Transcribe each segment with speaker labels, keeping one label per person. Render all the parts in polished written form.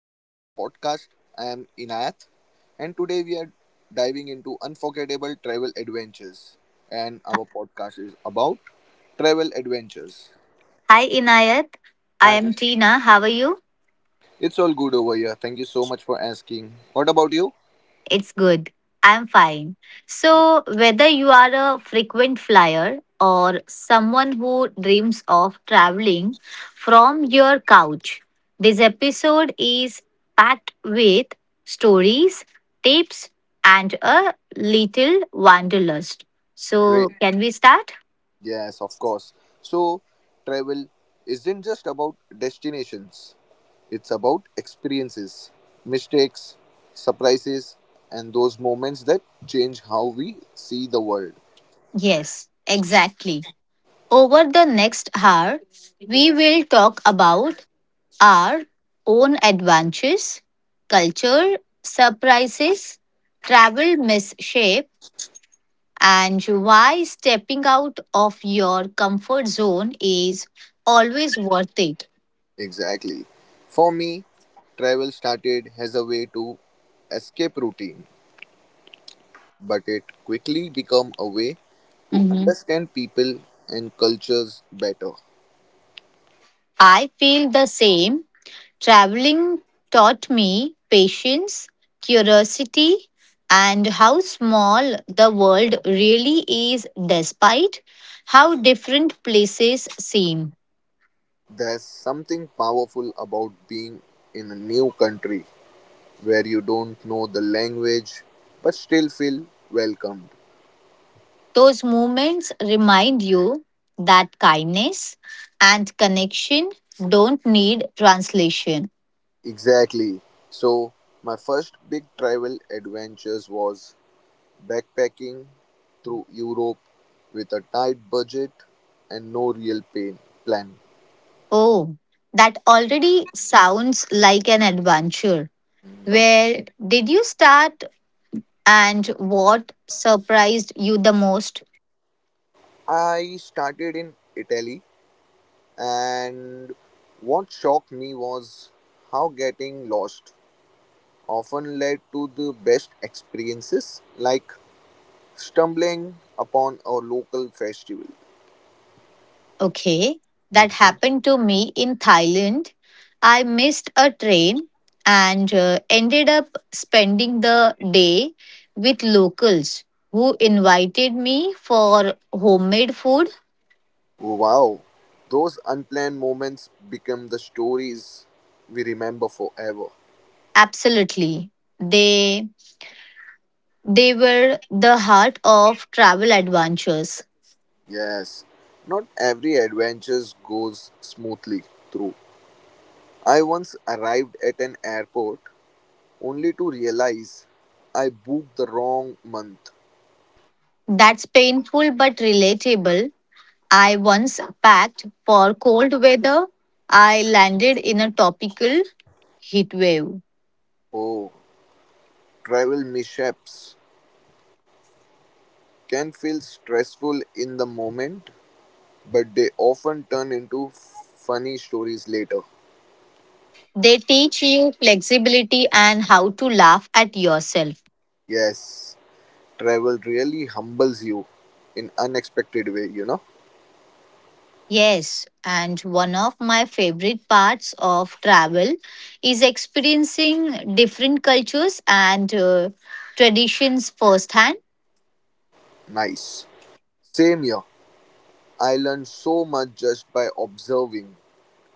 Speaker 1: to our podcast. I am Inayat, and today we are diving into unforgettable travel adventures. And our podcast is about travel adventures.
Speaker 2: Hi Inayat, I
Speaker 1: Hi,
Speaker 2: am Tina. How are you?
Speaker 1: it's all good over here. Thank you so much for asking. What about you?
Speaker 2: It's good. I'm fine. So, whether you are a frequent flyer or someone who dreams of traveling from your couch, this episode is packed with stories, tips, and a little wanderlust.
Speaker 1: Great.
Speaker 2: So, can we start?
Speaker 1: Yes, of course. So, travel isn't just about destinations, it's about experiences, mistakes, surprises, and those moments that change how we see the world.
Speaker 2: Yes, exactly. Over the next hour, we will talk about our own adventures, culture, surprises, travel misshape, and why stepping out of your comfort zone is always worth it.
Speaker 1: Exactly. For me, travel started as a way to escape routine, but it quickly became a way to
Speaker 2: Mhm.
Speaker 1: understand people and cultures better.
Speaker 2: I feel the same. Traveling taught me patience, curiosity, and how small the world really is despite how different places seem.
Speaker 1: There's something powerful about being in a new country where you don't know the language but still feel welcomed.
Speaker 2: Those moments remind you that kindness and connection don't need translation.
Speaker 1: Exactly. So, my first big travel adventures was backpacking through Europe with a tight budget and no real pain plan.
Speaker 2: Oh, that already sounds like an adventure. Where did you start and what surprised you the most?
Speaker 1: I started in Italy, and what shocked me was how getting lost often led to the best experiences, like stumbling upon a local festival.
Speaker 2: Okay, that
Speaker 1: Mhm.
Speaker 2: happened to me in Thailand. I missed a train and ended up spending the day with locals who invited me for homemade food.
Speaker 1: Wow, those unplanned moments become the stories we remember forever.
Speaker 2: Absolutely. They they were the heart of travel adventures.
Speaker 1: Yes, not every adventure goes smoothly through. I once arrived at an airport only to realize I booked the wrong month.
Speaker 2: That's painful but relatable. I once packed for cold weather. I landed in a tropical heat wave.
Speaker 1: Oh, travel mishaps can feel stressful in the moment, but they often turn into funny stories later.
Speaker 2: They teach you flexibility and how to laugh at yourself.
Speaker 1: Yes, travel really humbles you in unexpected way, you know?
Speaker 2: Yes, and one of my favorite parts of travel is experiencing different cultures and traditions firsthand.
Speaker 1: Nice. Same here. I learned so much just by observing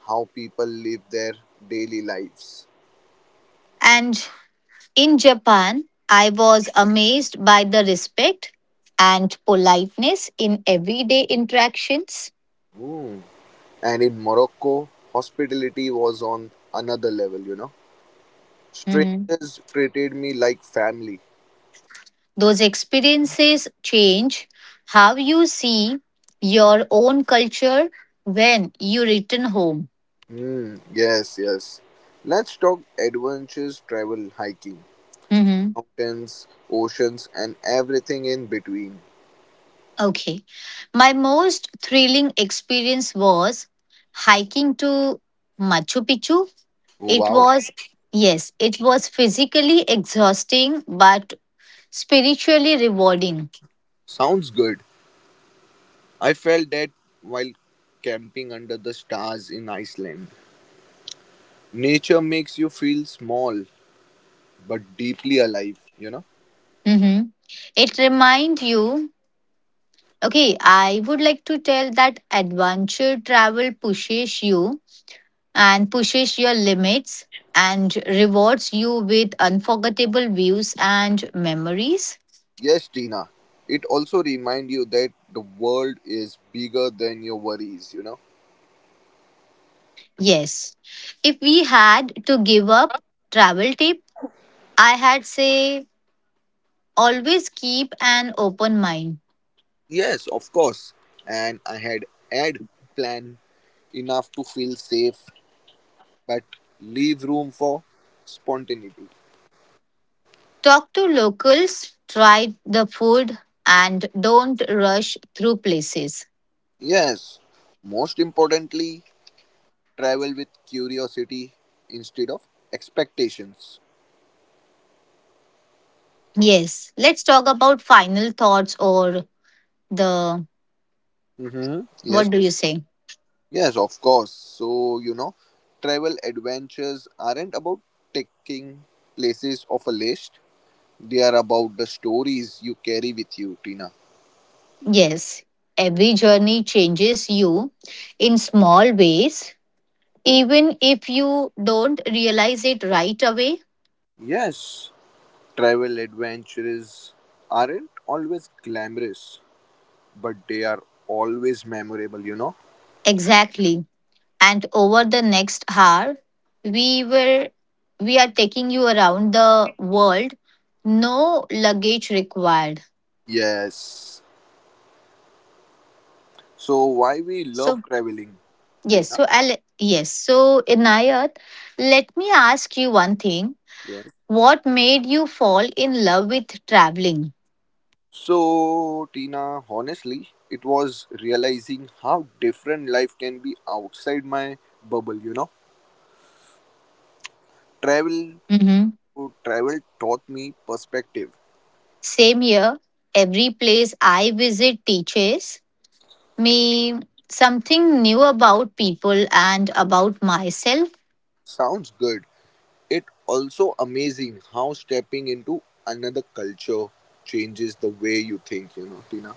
Speaker 1: how people live their daily lives.
Speaker 2: And in Japan, I was amazed by the respect and politeness in everyday interactions.
Speaker 1: Ooh. And in Morocco, hospitality was on another level, you know.
Speaker 2: Mm-hmm.
Speaker 1: Strangers treated me like family.
Speaker 2: Those experiences change how you see your own culture when you return home.
Speaker 1: Yes, yes. Let's talk adventures, travel, hiking,
Speaker 2: Mhm.
Speaker 1: mountains, oceans, and everything in between.
Speaker 2: Okay. My most thrilling experience was hiking to Machu Picchu.
Speaker 1: Oh,
Speaker 2: It
Speaker 1: wow.
Speaker 2: was, yes, it was physically exhausting but spiritually rewarding.
Speaker 1: Sounds good. I felt that while camping under the stars in Iceland. Nature makes you feel small but deeply alive, you know.
Speaker 2: Mhm. It reminds you, okay, I would like to tell that adventure travel pushes you and pushes your limits and rewards you with unforgettable views and memories.
Speaker 1: Yes, Tina. It also reminds you that the world is bigger than your worries, you know?
Speaker 2: Yes. If we had to give up travel tip, I had say always keep an open mind.
Speaker 1: Yes, of course. And I had had planned enough to feel safe, but leave room for spontaneity.
Speaker 2: Talk to locals, try the food and don't rush through places.
Speaker 1: Yes, most importantly, travel with curiosity instead of expectations.
Speaker 2: Yes, let's talk about final thoughts or the,
Speaker 1: Mm-hmm. Yes,
Speaker 2: what do you say?
Speaker 1: yes, of course. So, you know, travel adventures aren't about taking places off a list. They are about the stories you carry with you, Tina.
Speaker 2: Yes, every journey changes you in small ways, even if you don't realize it right away.
Speaker 1: Yes, travel adventures aren't always glamorous, but they are always memorable, you know?
Speaker 2: Exactly. And over the next hour, we were we are taking you around the world. No luggage required.
Speaker 1: Yes. So, why we
Speaker 2: So
Speaker 1: love traveling,
Speaker 2: yes,
Speaker 1: Tina?
Speaker 2: so I'll yes. So Inayat, let me ask you one thing.
Speaker 1: Yes.
Speaker 2: What made you fall in love with traveling?
Speaker 1: So, Tina, honestly, it was realizing how different life can be outside my bubble, you know? Travel
Speaker 2: Mhm.
Speaker 1: travel taught me perspective.
Speaker 2: Same here, every place I visit teaches me something new about people and about myself.
Speaker 1: Sounds good. It also amazing how stepping into another culture changes the way you think, you know, Tina.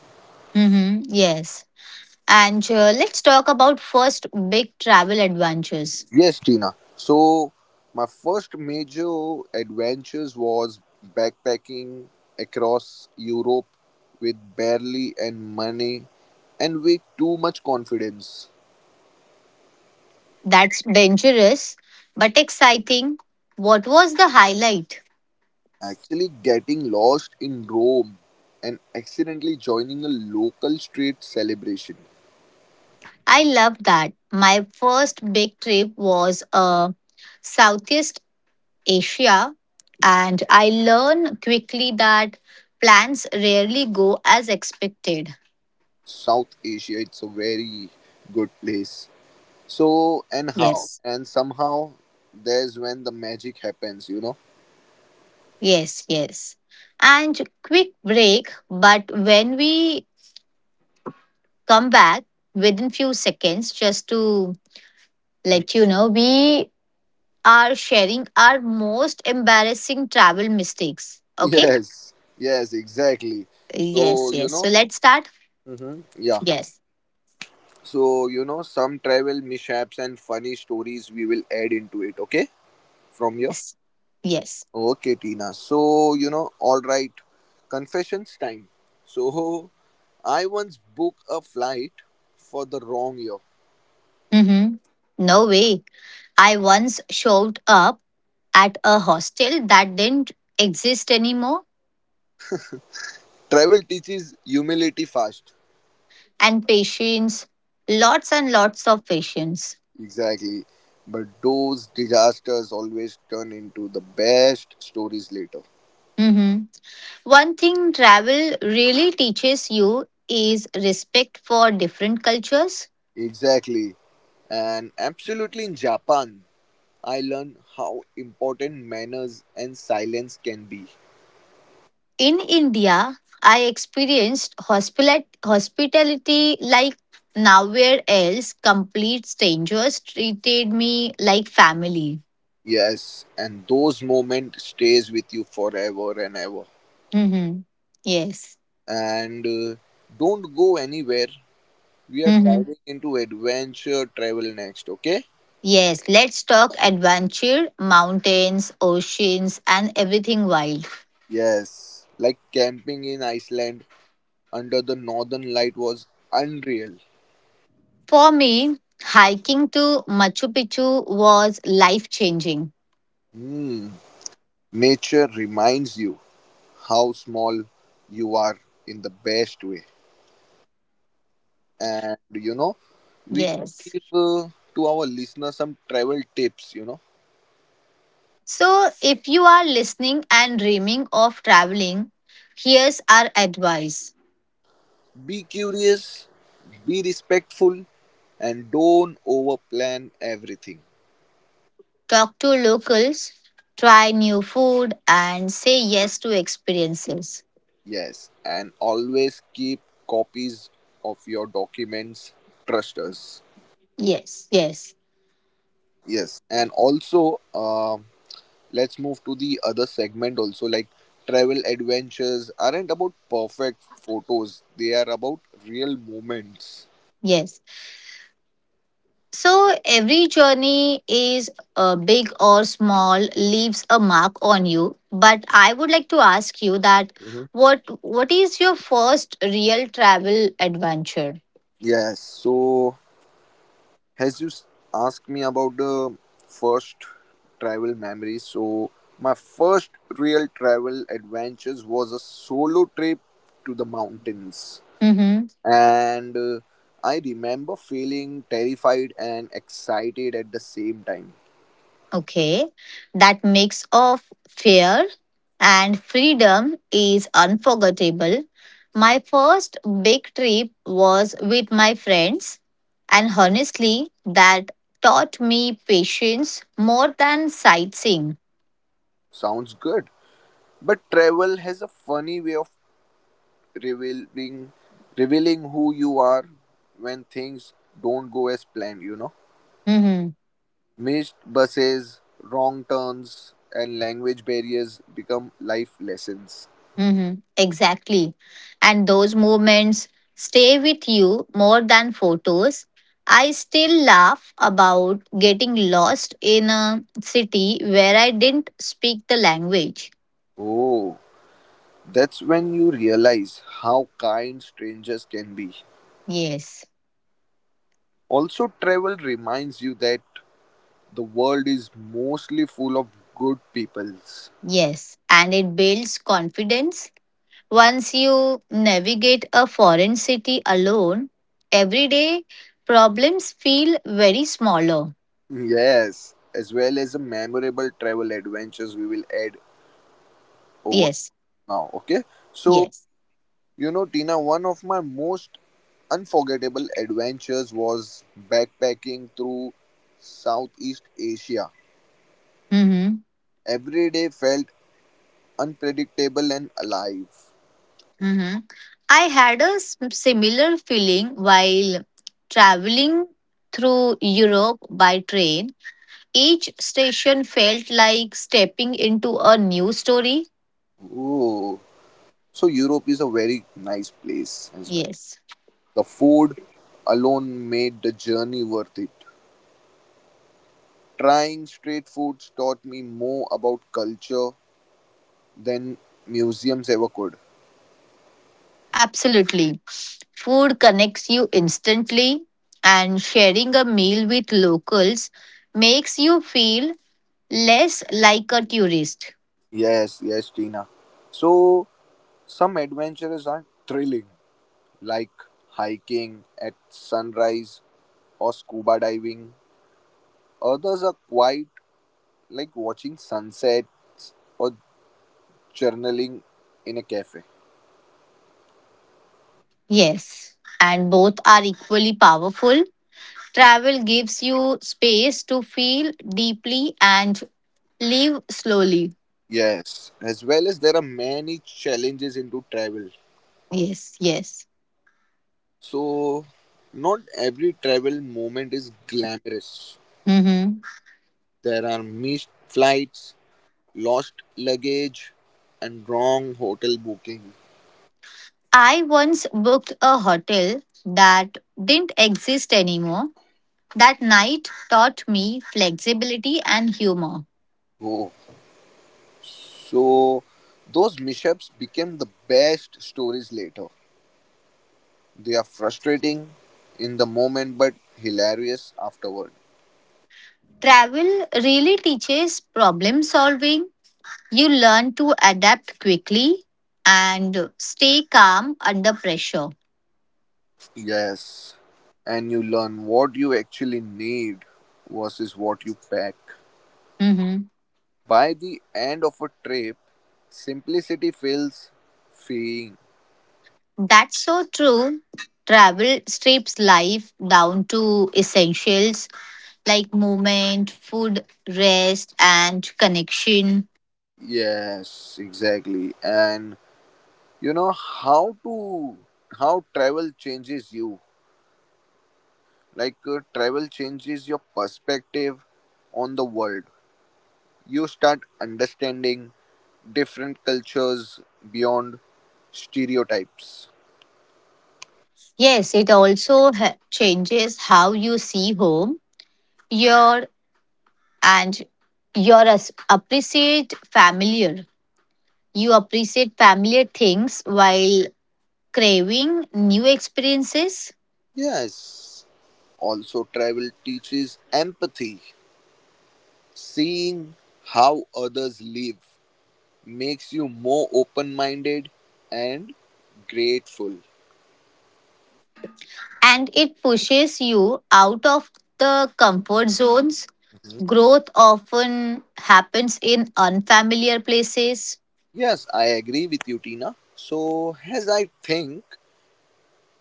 Speaker 2: Mm-hmm, yes. And let's talk about first big travel adventures.
Speaker 1: Yes, Tina. So my first major adventures was backpacking across Europe with barely any money and with too much confidence.
Speaker 2: That's dangerous but exciting. What was the highlight?
Speaker 1: Actually getting lost in Rome and accidentally joining a local street celebration.
Speaker 2: I love that. My first big trip was a Southeast Asia, and I learn quickly that plans rarely go as expected.
Speaker 1: South Asia, it's a very good place. So and how
Speaker 2: Yes.
Speaker 1: and somehow there's when the magic happens, you know.
Speaker 2: Yes, yes. And quick break, but when we come back within few seconds, just to let you know, we are sharing our most embarrassing travel mistakes. Okay?
Speaker 1: Yes, yes, exactly.
Speaker 2: Yes,
Speaker 1: So you
Speaker 2: yes. So
Speaker 1: know,
Speaker 2: let's start.
Speaker 1: yeah.
Speaker 2: Yes.
Speaker 1: So you know, some travel mishaps and funny stories we will add into it. Okay, from here.
Speaker 2: Yes. Yes.
Speaker 1: Okay, Tina. So you know, all right. Confessions time. So I once booked a flight for the wrong year.
Speaker 2: Mm-hmm. No way. I once showed up at a hostel that didn't exist anymore,
Speaker 1: Travel teaches humility fast.
Speaker 2: and patience, lots and lots of patience.
Speaker 1: Exactly. But those disasters always turn into the best stories later.
Speaker 2: Mhm. One thing travel really teaches you is respect for different cultures.
Speaker 1: Exactly. And absolutely in Japan, I learned how important manners and silence can be.
Speaker 2: In India, I experienced hospitality like nowhere else. Complete strangers treated me like family.
Speaker 1: Yes, and those moments stays with you forever and ever.
Speaker 2: Mhm. Yes.
Speaker 1: And don't go anywhere. We are
Speaker 2: Mm-hmm.
Speaker 1: diving into adventure travel next, okay?
Speaker 2: Yes, let's talk adventure, mountains, oceans, and everything wild.
Speaker 1: Yes, like camping in Iceland under the northern light was unreal.
Speaker 2: For me, hiking to Machu Picchu was life changing.
Speaker 1: Hmm. Nature reminds you how small you are in the best way. And you know, we can
Speaker 2: Yes.
Speaker 1: give to our listeners some travel tips. You know,
Speaker 2: So, if you are listening and dreaming of traveling, here's our advice.
Speaker 1: be curious, be respectful, and don't overplan everything.
Speaker 2: Talk to locals, try new food, and say yes to experiences.
Speaker 1: Yes, and always keep copies of your documents. Trust us.
Speaker 2: Yes, yes,
Speaker 1: Yes, and also, let's move to the other segment also like travel adventures aren't about perfect photos, they are about real moments.
Speaker 2: yes. So every journey is big or small, leaves a mark on you, but I would like to ask you that
Speaker 1: hmm
Speaker 2: what is your first real travel adventure?
Speaker 1: yes, so as you s- asked me about the first travel memory. So my first real travel adventures was a solo trip to the mountains,
Speaker 2: Mhm.
Speaker 1: and I remember feeling terrified and excited at the same time.
Speaker 2: Okay. That mix of fear and freedom is unforgettable. My first big trip was with my friends and honestly that taught me patience more than sightseeing.
Speaker 1: Sounds good. But travel has a funny way of revealing revealing who you are when things don't go as planned, you know.
Speaker 2: Mm-hmm.
Speaker 1: Missed buses, wrong turns, and language barriers become life lessons.
Speaker 2: Mm-hmm. Exactly. And those moments stay with you more than photos. I still laugh about getting lost in a city where I didn't speak the language.
Speaker 1: Oh, that's when you realize how kind strangers can be.
Speaker 2: Yes,
Speaker 1: Also, travel reminds you that the world is mostly full of good peoples.
Speaker 2: yes. And it builds confidence. Once you navigate a foreign city alone, everyday problems feel very smaller.
Speaker 1: Yes, as well as the memorable travel adventures we will add over
Speaker 2: Yes,
Speaker 1: now. Okay. So,
Speaker 2: yes.
Speaker 1: you know, Tina, one of my most unforgettable adventures was backpacking through Southeast Asia.
Speaker 2: Mm-hmm.
Speaker 1: Every day felt unpredictable and alive.
Speaker 2: Hmm. I had similar feeling while traveling through Europe by train. Each station felt like stepping into a new story.
Speaker 1: Oh, so Europe is a very nice place as well.
Speaker 2: Yes,
Speaker 1: The food alone made the journey worth it. Trying street foods taught me more about culture than museums ever could.
Speaker 2: absolutely. Food connects you instantly, and sharing a meal with locals makes you feel less like a tourist.
Speaker 1: Yes, yes, Tina. So, some adventures are thrilling, like hiking at sunrise or scuba diving. Others are quiet, like watching sunsets or journaling in a cafe.
Speaker 2: Yes, and both are equally powerful. Travel gives you space to feel deeply and live slowly.
Speaker 1: Yes, as well as there are many challenges into travel.
Speaker 2: Yes, yes.
Speaker 1: So, not every travel moment is glamorous.
Speaker 2: Hmm.
Speaker 1: There are missed flights, lost luggage, and wrong hotel booking.
Speaker 2: I once booked a hotel that didn't exist anymore. That night taught me flexibility and humor.
Speaker 1: Oh, so those mishaps became the best stories later. They are frustrating in the moment but hilarious afterward.
Speaker 2: Travel really teaches problem solving. You learn to adapt quickly and stay calm under pressure.
Speaker 1: Yes. And you learn what you actually need versus what you pack.
Speaker 2: Mm-hmm.
Speaker 1: By the end of a trip, simplicity feels freeing.
Speaker 2: That's so true. Travel strips life down to essentials like movement, food, rest, and connection.
Speaker 1: Yes, exactly. And you know how to how travel changes you. Like travel changes your perspective on the world. You start understanding different cultures beyond stereotypes.
Speaker 2: Yes, it also changes how you see home, your, and your appreciate familiar. You appreciate familiar things while craving new experiences,
Speaker 1: Yes, also travel teaches empathy. Seeing how others live makes you more open minded and grateful.
Speaker 2: and it pushes you out of the comfort zones.
Speaker 1: Mhm.
Speaker 2: Growth often happens in unfamiliar places.
Speaker 1: Yes, I agree with you, Tina. So, as I think,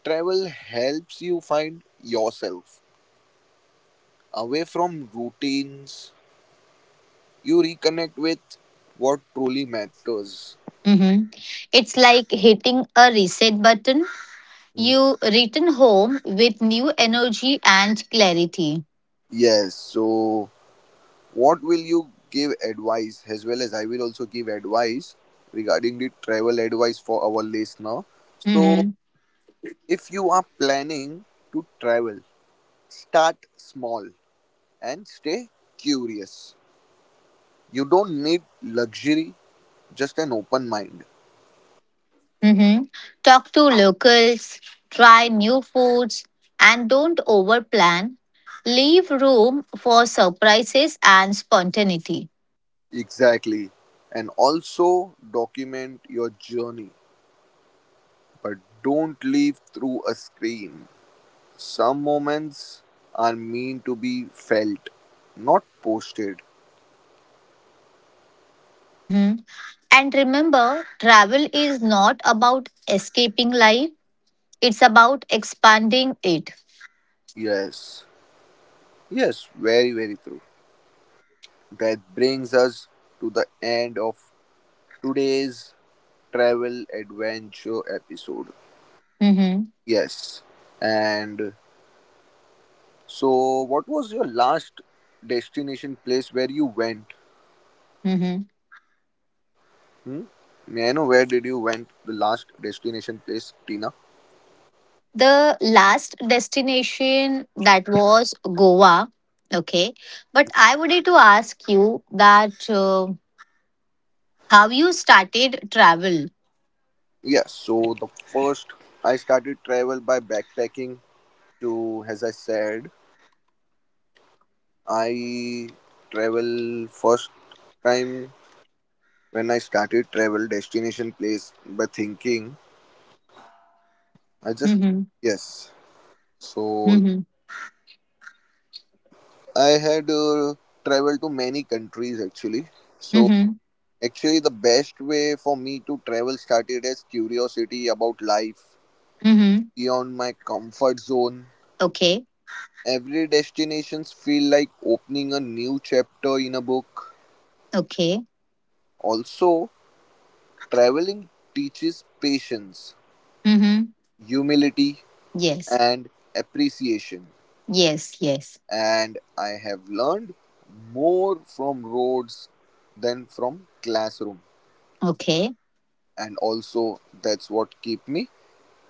Speaker 1: travel helps you find yourself. Away from routines, you reconnect with what truly matters.
Speaker 2: Mm-hmm. It's like hitting a reset button.
Speaker 1: Mm.
Speaker 2: You return home with new energy and clarity.
Speaker 1: Yes, so what will you give advice as well as I will also give advice regarding the travel advice for our listener. So
Speaker 2: Mm-hmm.
Speaker 1: if you are planning to travel, start small and stay curious. You don't need luxury, just an open mind.
Speaker 2: Hmm. Talk to locals, try new foods, and don't overplan. Leave room for surprises and spontaneity.
Speaker 1: Exactly. And also document your journey. But don't live through a screen. Some moments are meant to be felt, not posted.
Speaker 2: Mm-hmm. And remember, travel is not about escaping life, it's about expanding it.
Speaker 1: Yes, yes, very, very true. That brings us to the end of today's travel adventure episode.
Speaker 2: Mm-hmm.
Speaker 1: Yes, and so what was your last destination place where you went?
Speaker 2: Mm-hmm.
Speaker 1: Hmm? May I know where did you went the last destination place, Tina?
Speaker 2: The last destination that was Goa. Okay. But I wanted to ask you that how you started travel.
Speaker 1: Yes, so the first I started travel by backpacking to, as I said, I travel first time when I started travel destination place by thinking I just
Speaker 2: Mm-hmm.
Speaker 1: yes. So
Speaker 2: Mm-hmm.
Speaker 1: I had traveled to many countries actually. So
Speaker 2: Mm-hmm.
Speaker 1: actually the best way for me to travel started as curiosity about life
Speaker 2: Mm-hmm.
Speaker 1: beyond my comfort zone.
Speaker 2: Okay.
Speaker 1: Every destinations feel like opening a new chapter in a book.
Speaker 2: Okay.
Speaker 1: Also, traveling teaches patience,
Speaker 2: Mm-hmm.
Speaker 1: humility,
Speaker 2: Yes.
Speaker 1: and appreciation.
Speaker 2: Yes. Yes.
Speaker 1: And I have learned more from roads than from classroom.
Speaker 2: Okay.
Speaker 1: And also, that's what keep me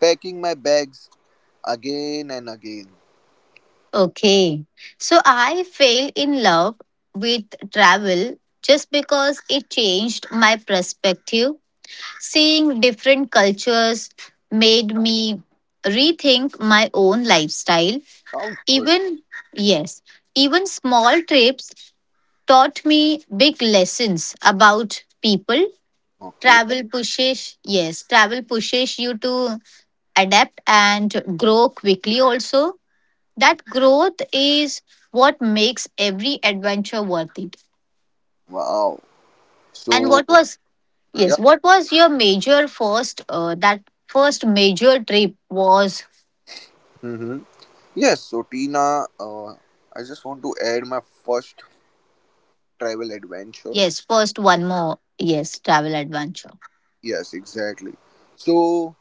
Speaker 1: packing my bags again and again.
Speaker 2: Okay. So I fell in love with travel just because it changed my perspective. Seeing different cultures made me rethink my own lifestyle.
Speaker 1: Sounds good.
Speaker 2: Even, yes, even small trips taught me big lessons about people.
Speaker 1: Okay.
Speaker 2: Travel pushes you to adapt and grow quickly also. That growth is what makes every adventure worth it.
Speaker 1: Wow.
Speaker 2: And
Speaker 1: So,
Speaker 2: what was
Speaker 1: yeah.
Speaker 2: yes, what was your major first? That first major trip was
Speaker 1: hmm Yes, so Tina, I just want to add my first travel adventure.
Speaker 2: yes. First one more yes travel adventure.
Speaker 1: Yes, exactly. So,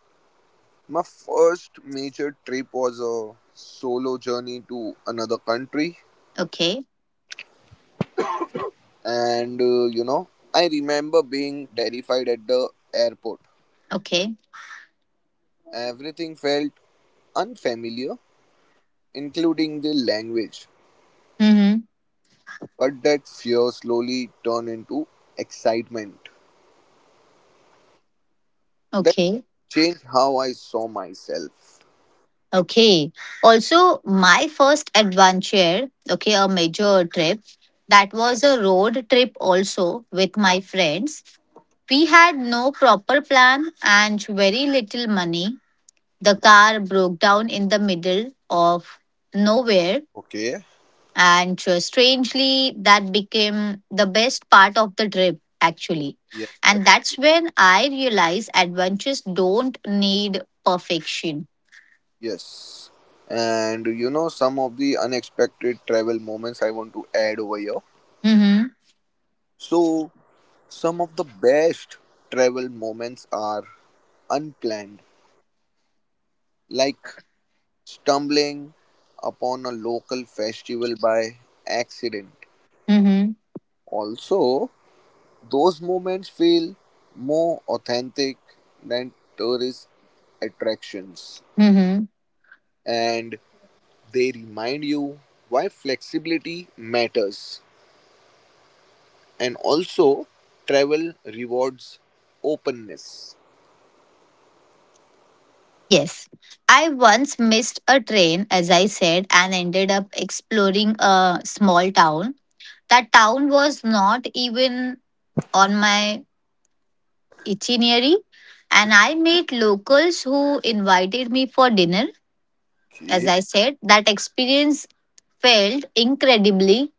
Speaker 1: my first major trip was a solo journey to another country,
Speaker 2: Okay.
Speaker 1: and you know, I remember being terrified at the airport.
Speaker 2: Okay.
Speaker 1: Everything felt unfamiliar, including the language,
Speaker 2: Mm-hmm.
Speaker 1: but that fear slowly turned into excitement. That
Speaker 2: Okay.
Speaker 1: changed how I saw myself.
Speaker 2: Okay. Also, my first adventure. Okay, a major trip. That was a road trip also with my friends. We had no proper plan and very little money. The car broke down in the middle of nowhere.
Speaker 1: Okay.
Speaker 2: And strangely, that became the best part of the trip, actually. And that's when I realized adventures don't need perfection.
Speaker 1: Yes. And you know, some of the unexpected travel moments I want to add over here.
Speaker 2: Mm-hmm.
Speaker 1: So, some of the best travel moments are unplanned, like stumbling upon a local festival by accident.
Speaker 2: Mm-hmm.
Speaker 1: Also, those moments feel more authentic than tourist attractions,
Speaker 2: Mm-hmm.
Speaker 1: and they remind you why flexibility matters. And also travel rewards openness.
Speaker 2: Yes. I once missed a train, as I said, and ended up exploring a small town. That town was not even on my itinerary, and I met locals who invited me for dinner. As
Speaker 1: Okay.
Speaker 2: I said, that experience felt incredibly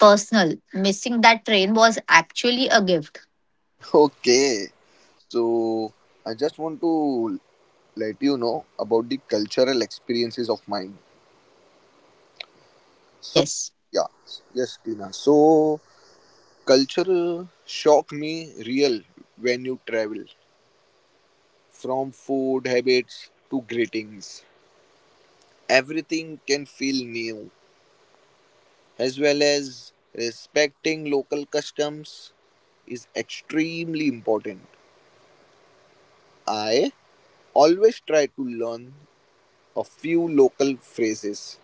Speaker 2: personal. Missing that train was actually a gift.
Speaker 1: Okay. So I just want to let you know about the cultural experiences of mine. So
Speaker 2: Yes.
Speaker 1: yeah, yes, Tina. So culture shock me real when you travel. From food habits to greetings. Everything can feel new. As well as respecting local customs is extremely important. I always try to learn a few local phrases.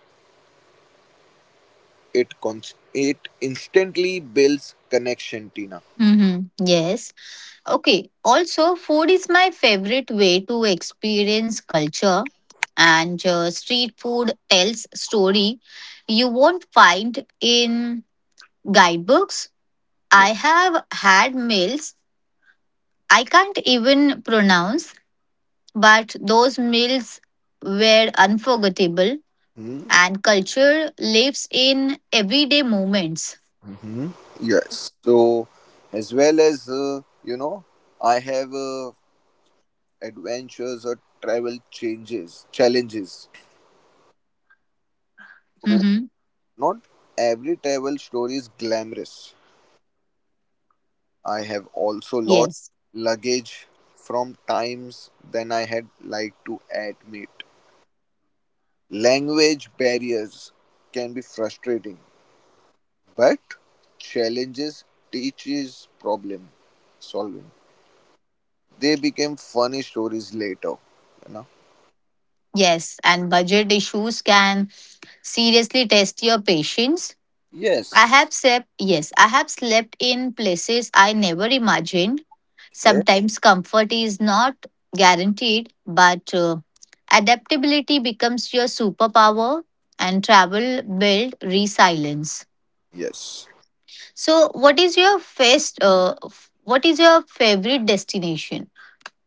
Speaker 1: It it instantly builds connection, Tina.
Speaker 2: Mm-hmm. Yes. Okay. Also, food is my favorite way to experience culture, and street food tells story you won't find in guidebooks. I
Speaker 1: Yes.
Speaker 2: have had meals I can't even pronounce, but those meals were unforgettable and culture lives in everyday moments.
Speaker 1: Mm-hmm. Yes. So, as well as you know, I have adventures or travel changes challenges. So
Speaker 2: Mm-hmm.
Speaker 1: not every travel story is glamorous. I have also lost
Speaker 2: Yes,
Speaker 1: luggage from times than I had liked to admit. Language barriers can be frustrating, but challenges teaches problem solving. They became funny stories later, you know.
Speaker 2: yes, and budget issues can seriously test your patience.
Speaker 1: Yes.
Speaker 2: I have slept in places I never imagined.
Speaker 1: Yeah.
Speaker 2: Sometimes comfort is not guaranteed, but adaptability becomes your superpower and travel build resilience.
Speaker 1: Yes.
Speaker 2: So, what is your first, what is your favorite destination?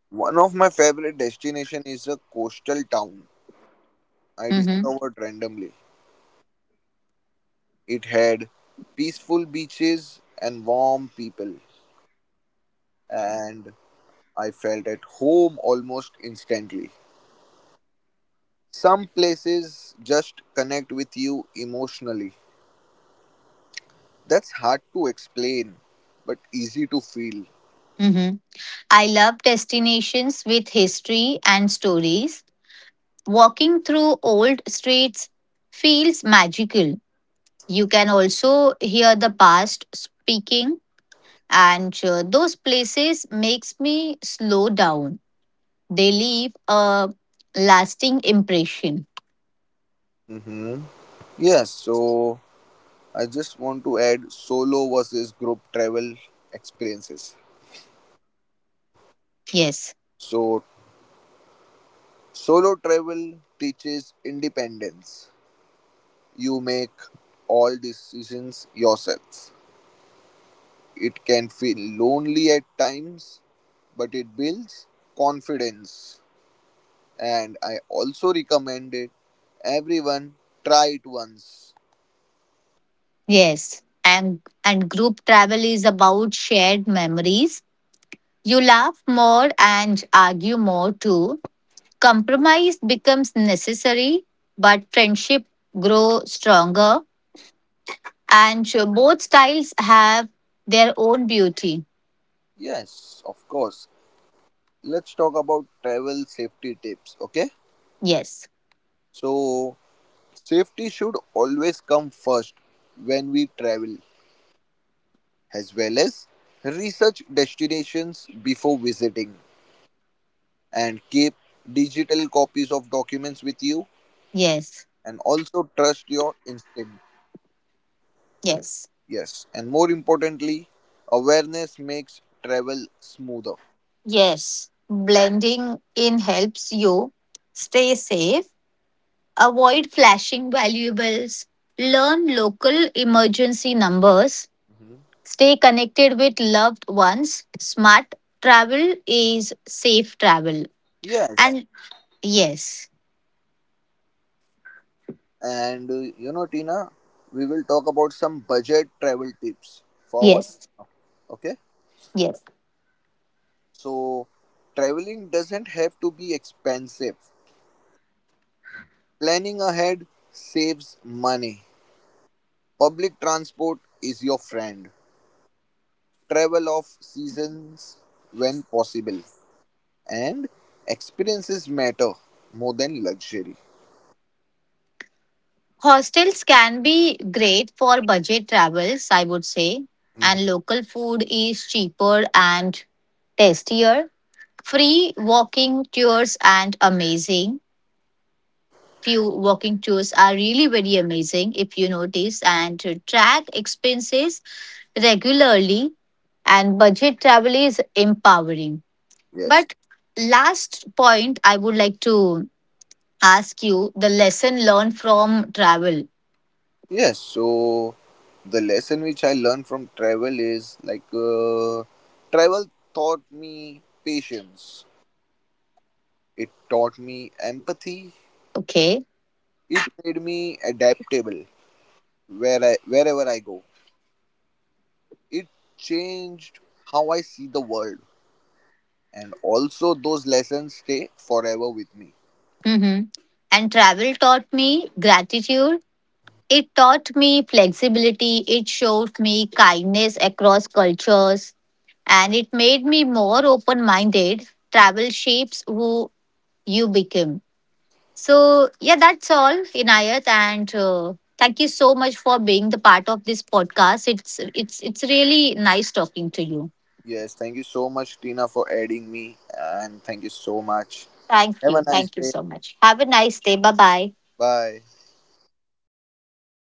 Speaker 1: One of my favorite destination is a coastal town I
Speaker 2: Mm-hmm.
Speaker 1: discovered randomly. It had peaceful beaches and warm people and I felt at home almost instantly. Some places just connect with you emotionally. That's hard to explain, but easy to feel.
Speaker 2: Mhm. I love destinations with history and stories. Walking through old streets feels magical. You can also hear the past speaking, and those places makes me slow down. They leave a lasting impression.
Speaker 1: Mm-hmm. Yes, so I just want to add solo versus group travel experiences.
Speaker 2: Yes,
Speaker 1: So, solo travel teaches independence. You make all decisions yourself. It can feel lonely at times, but it builds confidence. And I also recommend it everyone try it once.
Speaker 2: yes, and group travel is about shared memories. You laugh more and argue more too. Compromise becomes necessary, but friendship grows stronger, and sure, both styles have their own beauty.
Speaker 1: Yes, of course. Let's talk about travel safety tips. Okay,
Speaker 2: Yes,
Speaker 1: so safety should always come first when we travel, as well as research destinations before visiting and keep digital copies of documents with you
Speaker 2: yes,
Speaker 1: and also trust your instinct.
Speaker 2: yes,
Speaker 1: Yes, and more importantly, awareness makes travel smoother.
Speaker 2: yes. Blending in helps you stay safe, avoid flashing valuables, learn local emergency numbers,
Speaker 1: Mhm.
Speaker 2: stay connected with loved ones. Smart travel is safe travel,
Speaker 1: Yes,
Speaker 2: and yes,
Speaker 1: and you know, Tina, we will talk about some budget travel tips forward.
Speaker 2: yes.
Speaker 1: Okay.
Speaker 2: Yes.
Speaker 1: So, traveling doesn't have to be expensive. Planning ahead saves money. Public transport is your friend. Travel off seasons when possible. And experiences matter more than luxury.
Speaker 2: Hostels can be great for budget travels, I would say,
Speaker 1: Mhm.
Speaker 2: and local food is cheaper and tastier. Free walking tours and amazing. Few walking tours are really very amazing if you notice and to track expenses regularly and budget travel is empowering.
Speaker 1: Yes.
Speaker 2: But last point I would like to ask you the lesson learned from travel.
Speaker 1: Yes. So, the lesson which I learned from travel is like travel taught me patience, it taught me empathy,
Speaker 2: Okay.
Speaker 1: it made me adaptable, where I wherever I go. It changed how I see the world and also those lessons stay forever with me.
Speaker 2: Hmm. And travel taught me gratitude. It taught me flexibility. It showed me kindness across cultures. And it made me more open minded. Travel shapes who you become. So, yeah, that's all, Inayat. And thank you so much for being the part of this podcast. It's really nice talking to you.
Speaker 1: Yes, thank you so much Tina for adding me and thank you so much.
Speaker 2: Thank
Speaker 1: Have a
Speaker 2: you.
Speaker 1: nice
Speaker 2: Thank you
Speaker 1: day.
Speaker 2: so much. Have a nice day. Bye bye.
Speaker 1: Bye.